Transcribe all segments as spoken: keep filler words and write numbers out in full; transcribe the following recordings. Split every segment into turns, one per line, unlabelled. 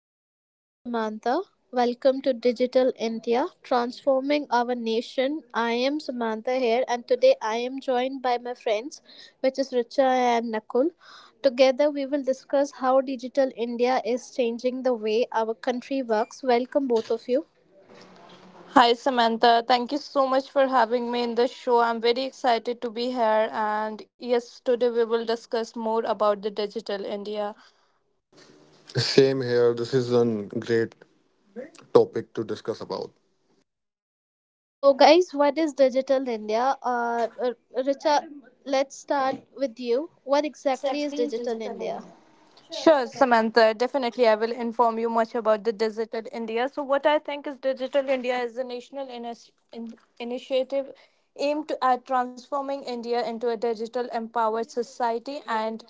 uh, this is Samantha. Welcome to Digital India, Transforming Our Nation. I am Samantha here, and today I am joined by my friends, which is Richa and Nakul. Together, we will discuss how Digital India is changing the way our country works. Welcome, both of you.
Hi, Samantha. Thank you so much for having me in the show. I'm very excited to be here. And yes, today we will discuss more about the digital India.
Same here. This is a great topic to discuss about.
So, guys, what is Digital India? Uh, uh, Richa, let's start with you. What
What
exactly is
exactly is
Digital
digital
India?
India? Sure, Samantha. Definitely, I will inform you much about the digital India. So, what I think is digital India is a national inis- in- initiative aimed at transforming India into a digital empowered society and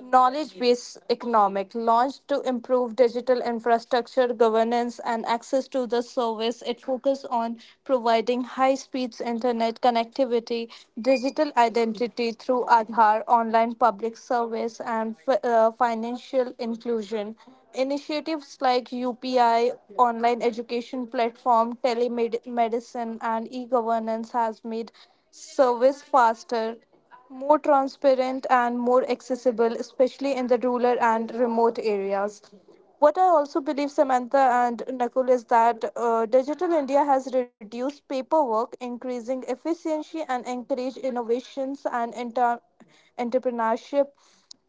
knowledge based economic launched to improve digital infrastructure, governance, and access to the service. It focuses on providing high speeds internet connectivity, digital identity through Aadhaar, online public service, and fi- uh, financial inclusion. Initiatives like U P I, online education platform, telemedicine, and e governance has made service faster, more transparent and more accessible, especially in the rural and remote areas. What I also believe, Samantha and Nakul, is that uh, Digital India has reduced paperwork, increasing efficiency, and encourage innovations and inter- entrepreneurship,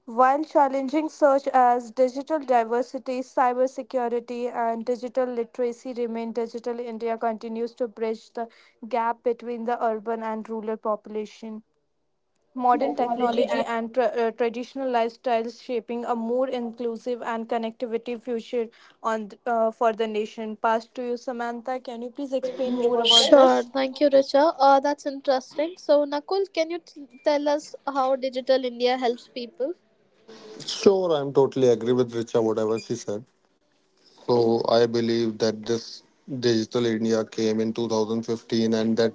while challenging such as digital diversity, cybersecurity, and digital literacy remain, Digital India continues to bridge the gap between the urban and rural population, modern technology and tra- uh, traditional lifestyles, shaping a more inclusive and connectivity future on th- uh, for the nation. Pass to you, Samantha. Can you please explain more about
Sure,
this?
thank you, Richa. Uh, that's interesting. So, Nakul, can you t- tell us how Digital India helps people?
Sure, I'm totally agree with Richa whatever she said. So I believe that this digital India came in two thousand fifteen and that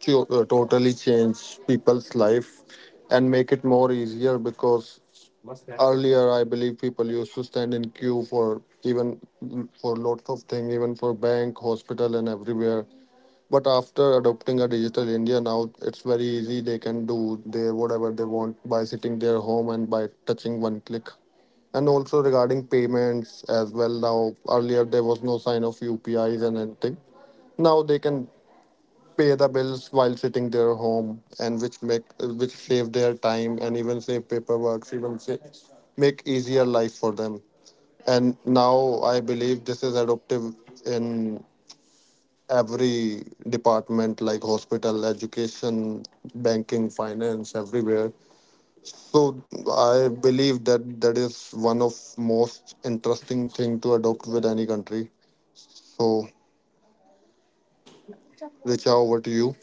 cho- uh, totally changed people's life and make it more easier because earlier I believe people used to stand in queue for even for lots of things, even for bank, hospital, and everywhere. But after adopting a digital India, now it's very easy. They can do their whatever they want by sitting their home and by touching one click. And also regarding payments as well. Now earlier there was no sign of U P Is and anything. Now they can pay the bills while sitting their home, and which make which save their time and even save paperwork, even sa- make easier life for them. And now I believe this is adoptive in every department like hospital, education, banking, finance, everywhere. So I believe that that is one of most interesting thing to adopt with any country. So Richa, over to you.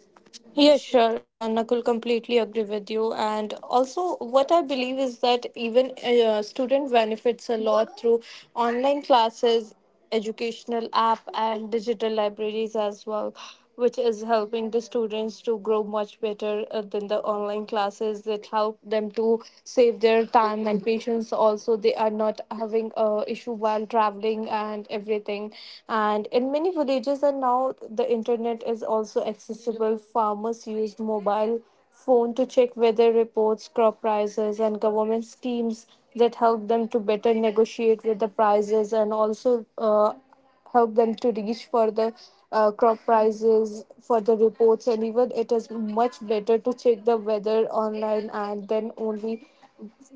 Yeah,
Yes,
sure, uh, Nakul, completely agree with you. And also, what I believe is that even uh, student benefits a lot through online classes, educational app, and digital libraries as well, which is helping the students to grow much better uh, than the online classes that help them to save their time and patience. Also, they are not having a issue while traveling and everything. And in in many villages, and now the internet is also accessible. Farmers use mobile phone to check weather reports, crop prices, and government schemes that help them to better negotiate with the prices and also uh, help them to reach for the uh, crop prices for the reports, and even it is much better to check the weather online and then only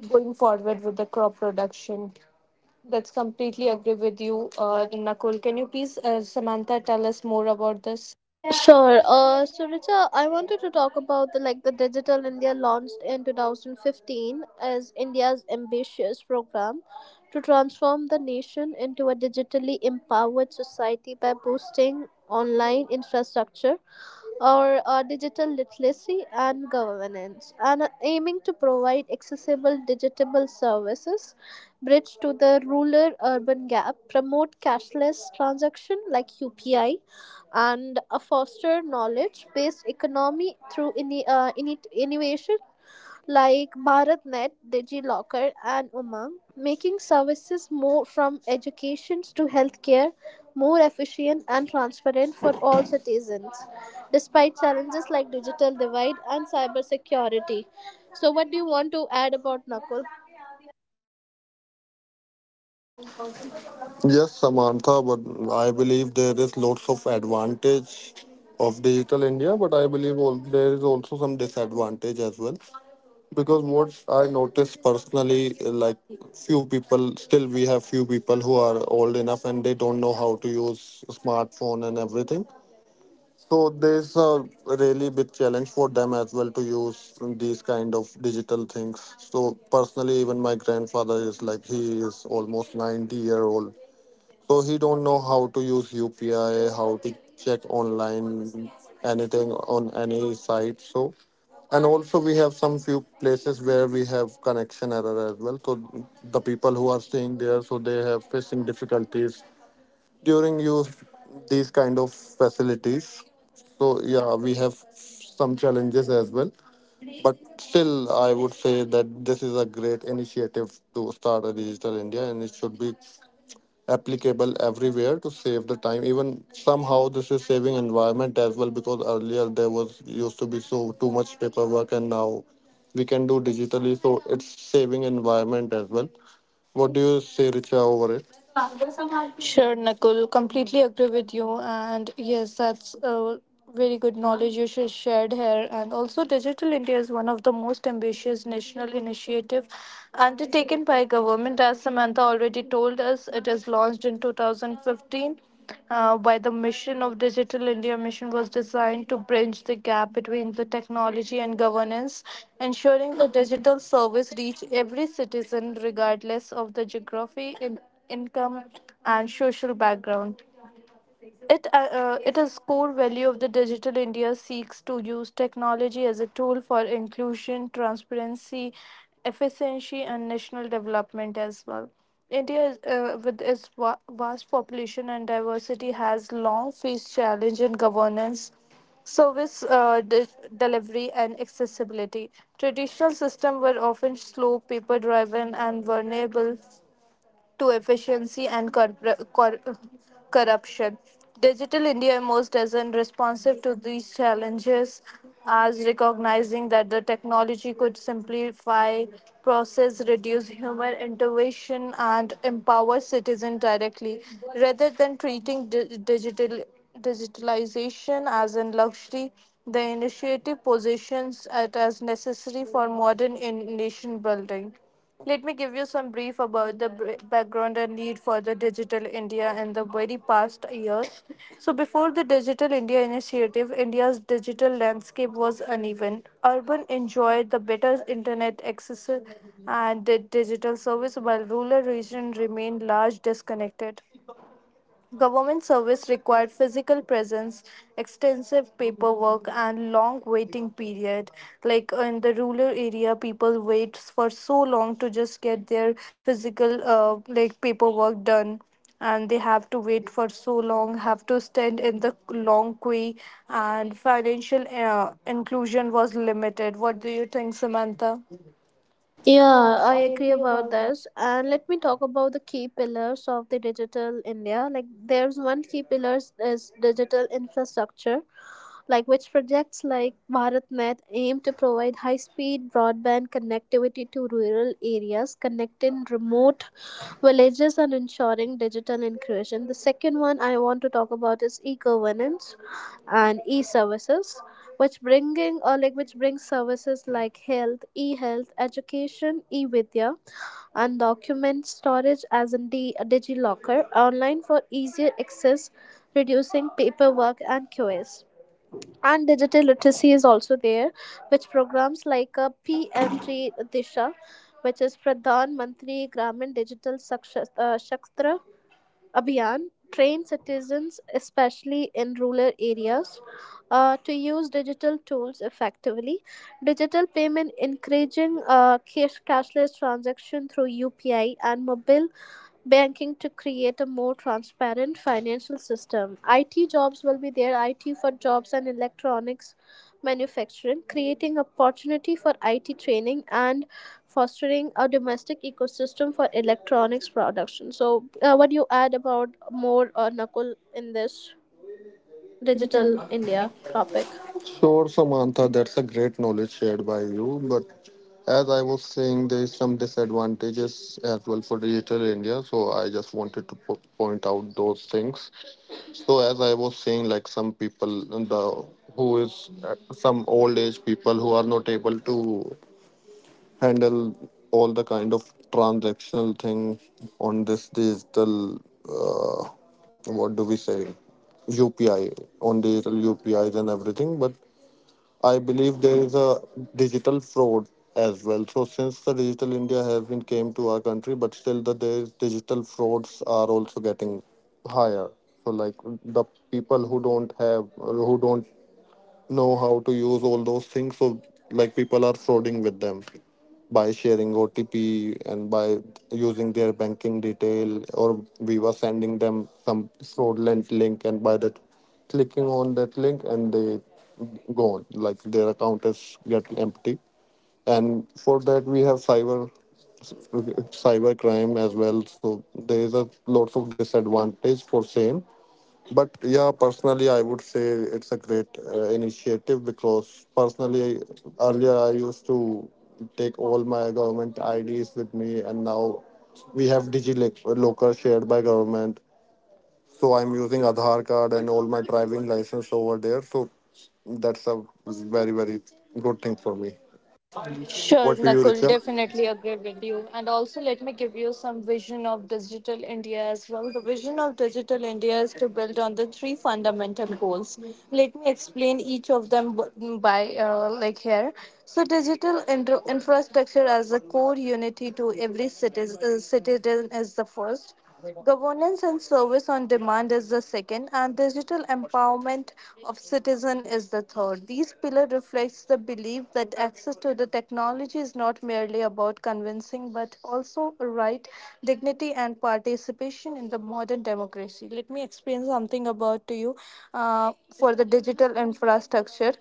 going forward with the crop production. That's completely agree with you, uh, Nakul. Can you please, uh, Samantha, tell us more about this?
Sure. Uh, so, Richa, I wanted to talk about the like the Digital India launched in two thousand fifteen as India's ambitious program to transform the nation into a digitally empowered society by boosting online infrastructure or uh, digital literacy and governance, and aiming to provide accessible digital services, bridge to the rural-urban gap, promote cashless transaction like U P I, and uh, foster knowledge-based economy through ini uh, ini- innovation like BharatNet, DigiLocker, and Umang, making services more from education to healthcare more efficient and transparent for all citizens, despite challenges like digital divide and cybersecurity. So, what do you want to add about Nakul?
Samantha, but I believe there is lots of advantage of digital India, but I believe all, there is also some disadvantage as well, because what I notice personally, eh, like, few people, still we have few people who are old enough and they don't know how to use smartphone and everything. So there's a really big challenge for them as well to use these kind of digital things. So personally, even my grandfather is like, he is almost ninety year old, so he don't know how to use U P I, how to check online anything on any site. So, and also we have some few places where we have connection error as well. So the people who are staying there, so they have facing difficulties during use these kind of facilities. So yeah, we have some challenges as well. But still, I would say that this is a great initiative to start a digital India, and it should be applicable everywhere to save the time. Even somehow this is saving environment as well, because earlier there was used to be so too much paperwork, and now we can do digitally, so it's saving environment as well. What do you say, Richa, over it?
Sure, Nakul, completely agree with you. And yes, that's a very good knowledge you sh- shared here. And also, Digital India is one of the most ambitious national initiative undertaken by government. As Samantha already told us, it is launched in two thousand fifteen. Uh, by the mission of Digital India, mission was designed to bridge the gap between the technology and governance, ensuring the digital service reach every citizen regardless of the geography, income, and social background. It, uh, uh, it is core value of the digital India seeks to use technology as a tool for inclusion, transparency, efficiency, and national development as well. India, is, uh, with its va- vast population and diversity, has long faced challenge in governance, service uh, de- delivery, and accessibility. Traditional systems were often slow, paper driven, and vulnerable to efficiency and cor cor- corruption. Digital India emerged as an responsive to these challenges, as recognizing that the technology could simplify process, reduce human intervention, and empower citizens directly, rather than treating di- digital digitalization as a luxury. The initiative positions it as necessary for modern in- nation building. Let me give you some brief about the br- background and need for the Digital India in the very past years. So, before the Digital India initiative, India's digital landscape was uneven. Urban enjoyed the better internet access and did digital service, while rural regions remained large disconnected. Government service required physical presence, extensive paperwork, and long waiting period. Like in the rural area, people wait for so long to just get their physical uh, like paperwork done, and they have to wait for so long, have to stand in the long queue, and financial uh, inclusion was limited. What do you think, Samantha?
Yeah,
Yeah,
I
I
agree
agree
about
about that.
this. And let me talk about the key pillars of the digital India. Like, there's one key pillars is digital infrastructure like which projects like bharatnet aim to provide high speed broadband connectivity to rural areas, connecting remote villages and ensuring digital inclusion. The second one I want to talk about is e-governance and e-services, which bringing or like which brings services like health, e-health, education, e-vidya, and document storage as in the digilocker online for easier access, reducing paperwork and Q S. And digital literacy is also there, which programs like a pmt disha, which is pradhan mantri gramin digital Saksh- uh, shaktra abhiyan, train citizens especially in rural areas uh, to use digital tools effectively. Digital payment, encouraging uh, cash, cashless transaction through upi and mobile banking to create a more transparent financial system. I T jobs will be there, I T for jobs and electronics manufacturing, creating opportunity for I T training and fostering a domestic ecosystem for electronics production. So, uh, what do you add about more uh, Nakul in this digital India topic?
Sure, Samantha, that's a great knowledge shared by you. But as I was saying, there is some disadvantages as well for digital India. So I just wanted to po- point out those things. So as I was saying, like some people, in the, who is uh, some old age people who are not able to handle all the kind of transactional thing on this digital, uh, what do we say, U P I on digital U P Is and everything, but I believe there is a digital fraud as well. So since the digital India has been came to our country, but still the there is digital frauds are also getting higher. So like the people who don't have who don't know how to use all those things. So like people are frauding with them by sharing O T P and by using their banking detail, or we were sending them some fraudulent link, and by that clicking on that link, and they gone, like their account is get empty. And for that we have cyber cyber crime as well. So there is a lots of disadvantage for same. But yeah, personally, I would say it's a great uh, initiative, because personally, earlier I used to take all my government I Ds with me, and now we have DigiLocker shared by government. So I'm using Aadhaar card and all my driving license over there. So that's a very very good thing for me.
Sure,
Over to you,
Nakul,
Richa.
definitely agree with you. And also, let me give you some vision of digital India as well. The vision of digital India is to build on the three fundamental goals. Let me explain each of them b- by uh, like here. So, digital intro- infrastructure as a core unity to every citizen, uh, citizen is the first. Governance and service on demand is the second, and digital empowerment of citizen is the third. These pillar reflects the belief that access to the technology is not merely about convincing, but also a right, dignity, and participation in the modern democracy. Let me explain something about to you uh, for the digital infrastructure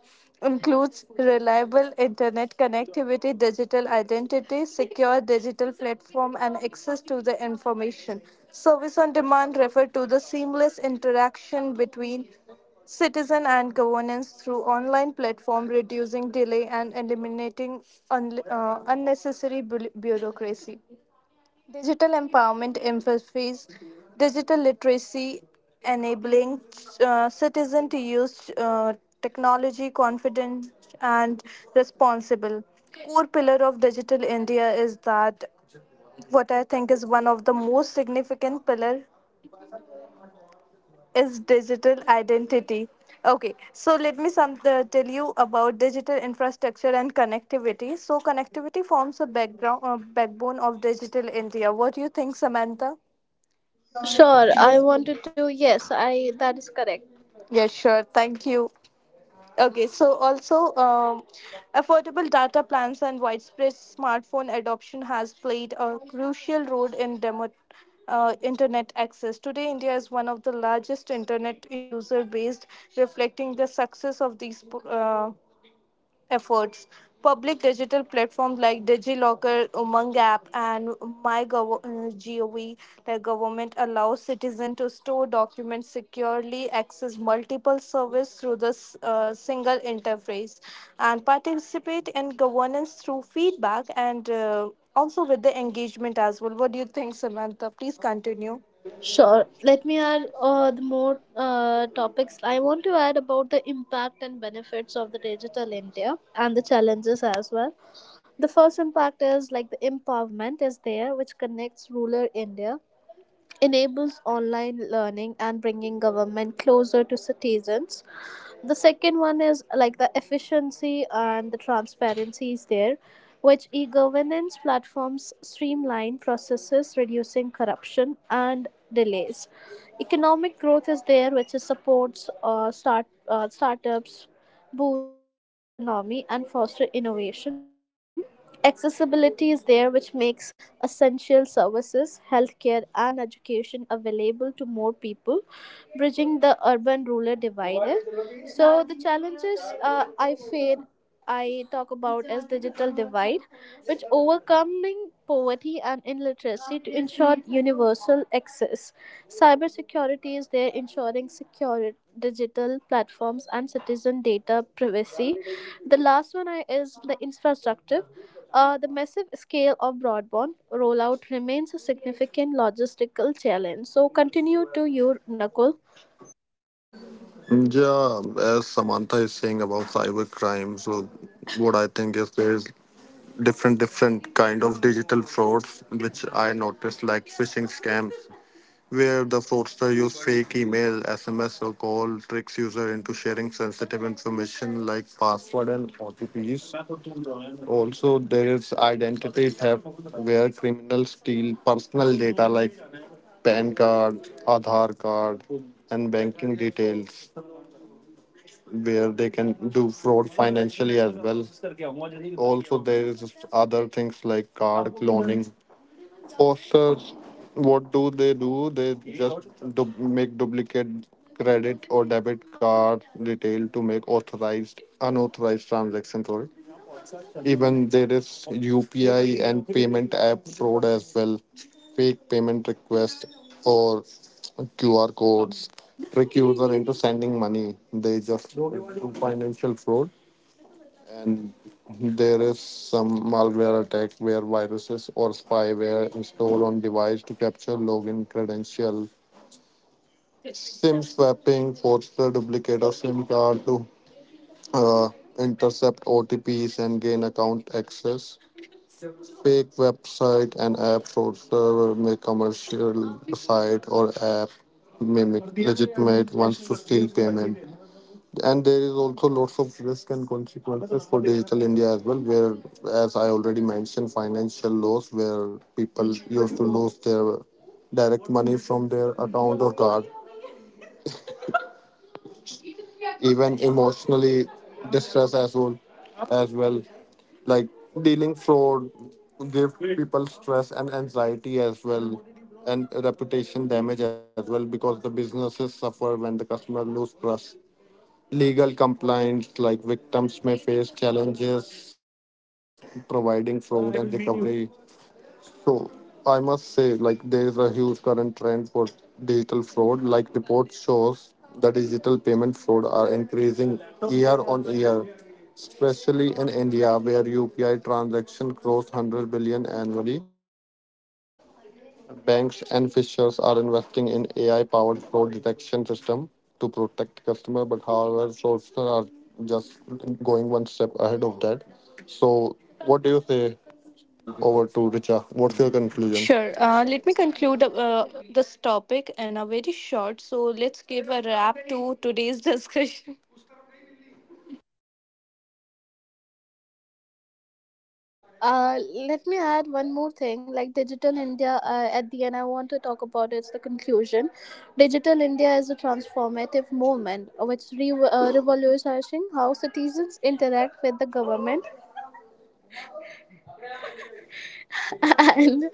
includes reliable internet connectivity, digital identity, secure digital platform, and access to the information. Service on demand referred to the seamless interaction between citizen and governance through online platform reducing delay and eliminating unle- uh, unnecessary bu- bureaucracy. Digital empowerment emphasis digital literacy, enabling uh, citizen to use uh, technology confident and responsible. Core pillar of digital India is that what I think is one of the most significant pillar is digital identity. Okay, so let me some uh, tell you about digital infrastructure and connectivity. So connectivity forms a background uh, backbone of digital India. What do you think, Samantha?
Sure, I wanted to. Yes, I that is correct.
Yeah, sure. Thank you. Okay, so also, um, affordable data plans and widespread smartphone adoption has played a crucial role in demo, uh, internet access. Today, India is one of the largest internet user based, reflecting the success of these uh, efforts. Public digital platforms like DigiLocker, Umang app, and MyGov, the government allows citizens to store documents securely, access multiple services through the s- uh, single interface, and participate in governance through feedback and uh, also with the engagement as well. What do you think, Samantha? Please continue.
Sure. Let me add uh, the more uh, topics I want to add about the impact and benefits of the digital India and the challenges as well. The first impact is like the empowerment is there, which connects rural India, enables online learning, and bringing government closer to citizens. The second one is like the efficiency and the transparency is there, which e governance platforms streamline processes, reducing corruption and delays. Economic growth is there, which is supports uh, start uh, startups, boosts digital economy, and foster innovation. Accessibility is there, which makes essential services, healthcare, and education available to more people, bridging the urban rural divide. So, the challenges uh, I feel I talk about as digital divide, which overcoming poverty and illiteracy to ensure universal access. Cybersecurity is there, ensuring secure digital platforms and citizen data privacy. The last one I- is the infrastructure. Uh, the massive scale of broadband rollout remains a significant logistical challenge. So continue to your Nakul.
Yeah, as Samantha is saying about cybercrime, so what I think is there is different different kind of digital frauds which I noticed, like phishing scams where the fraudster use fake email, S M S, or call, tricks user into sharing sensitive information like password and OTPs. Also there is identity theft where criminals steal personal data like P A N card, Aadhaar card, and banking details, where they can do fraud financially as well. Also, there is other things like card cloning. Fosters, what do they do? They just du- make duplicate credit or debit card detail to make authorized unauthorized transaction. Sorry. Even there is U P I and payment app fraud as well. Fake payment requests or Q R codes trick user into sending money. They just do financial fraud. And there is some malware attack where viruses or spyware installed on device to capture login credential. SIM swapping, forged the duplicate of SIM card to uh, intercept O T Ps and gain account access. Fake website and app store server may commercial site or app mimic legitimate ones to steal payment. And there is also lots of risk and consequences for digital India as well, where, as I already mentioned, financial loss where people used to lose their direct money from their account or card. Even emotionally distress as well as well, like dealing fraud give people stress and anxiety as well. And reputation damage as well, because the businesses suffer when the customer lose trust. Legal compliance, like victims may face challenges providing fraud and recovery. So I must say, like there is a huge current trend for digital fraud. Like reports shows that digital payment fraud are increasing year on year, especially in India, where U P I transaction cross one hundred billion annually. Banks and fishers are investing in A I-powered fraud detection system to protect customer, but however, sources are just going one step ahead of that. So, what do you say? Over to Richa. What's your conclusion?
Sure. Uh, let me conclude uh, this topic in a very short. So let's give a wrap to today's discussion.
Uh, Let me add one more thing like digital india uh, at the end I want to talk about it's the conclusion. Digital india is a transformative movement which re- uh, revolutionizing how citizens interact with the government and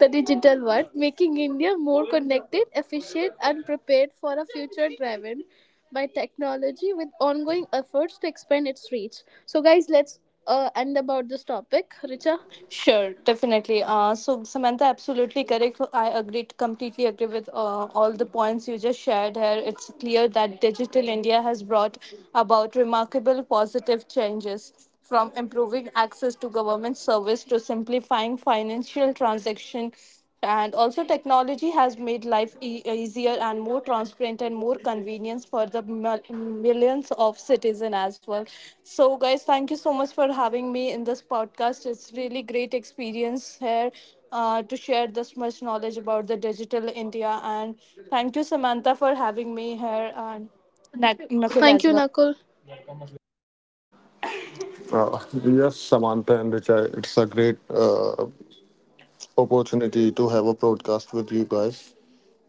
the digital world, making india more connected, efficient, and prepared for a future driven by technology with ongoing efforts to expand its reach. So guys, let's uh, end about this topic, Richa.
Sure, definitely. Uh, so Samantha, absolutely correct. I agree completely agree with uh, all the points you just shared here. It's clear that digital India has brought about remarkable positive changes from improving access to government service to simplifying financial transaction. And also, technology has made life e- easier and more transparent and more convenience for the mil- millions of citizens as well. So, guys, thank you so much for having me in this podcast. It's really great experience here uh, to share this much knowledge about the digital India. And thank you, Samantha, for having me here and Nak- Nakul
Thank
as
you,
well.
Nakul.
Uh, yes, Samantha and Richard, it's a great uh, opportunity to have a broadcast with you guys.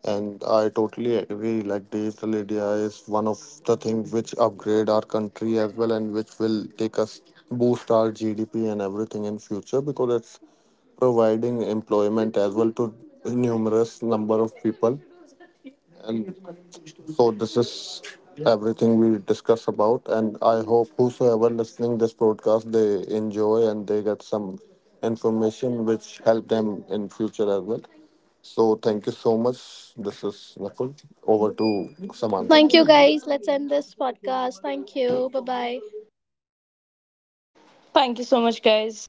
And I totally agree. Like digital India is one of the things which upgrade our country as well, and which will take us boost our G D P and everything in future, because it's providing employment as well to numerous number of people. And. So this is everything we discuss about, and I hope whosoever listening this broadcast they enjoy and they get some information which help them in future as well. So thank you so much. This is Nakul. Over to
Thank you
Samantha.
guys. Let's end this podcast. Thank you. Bye bye.
Thank you so much, guys.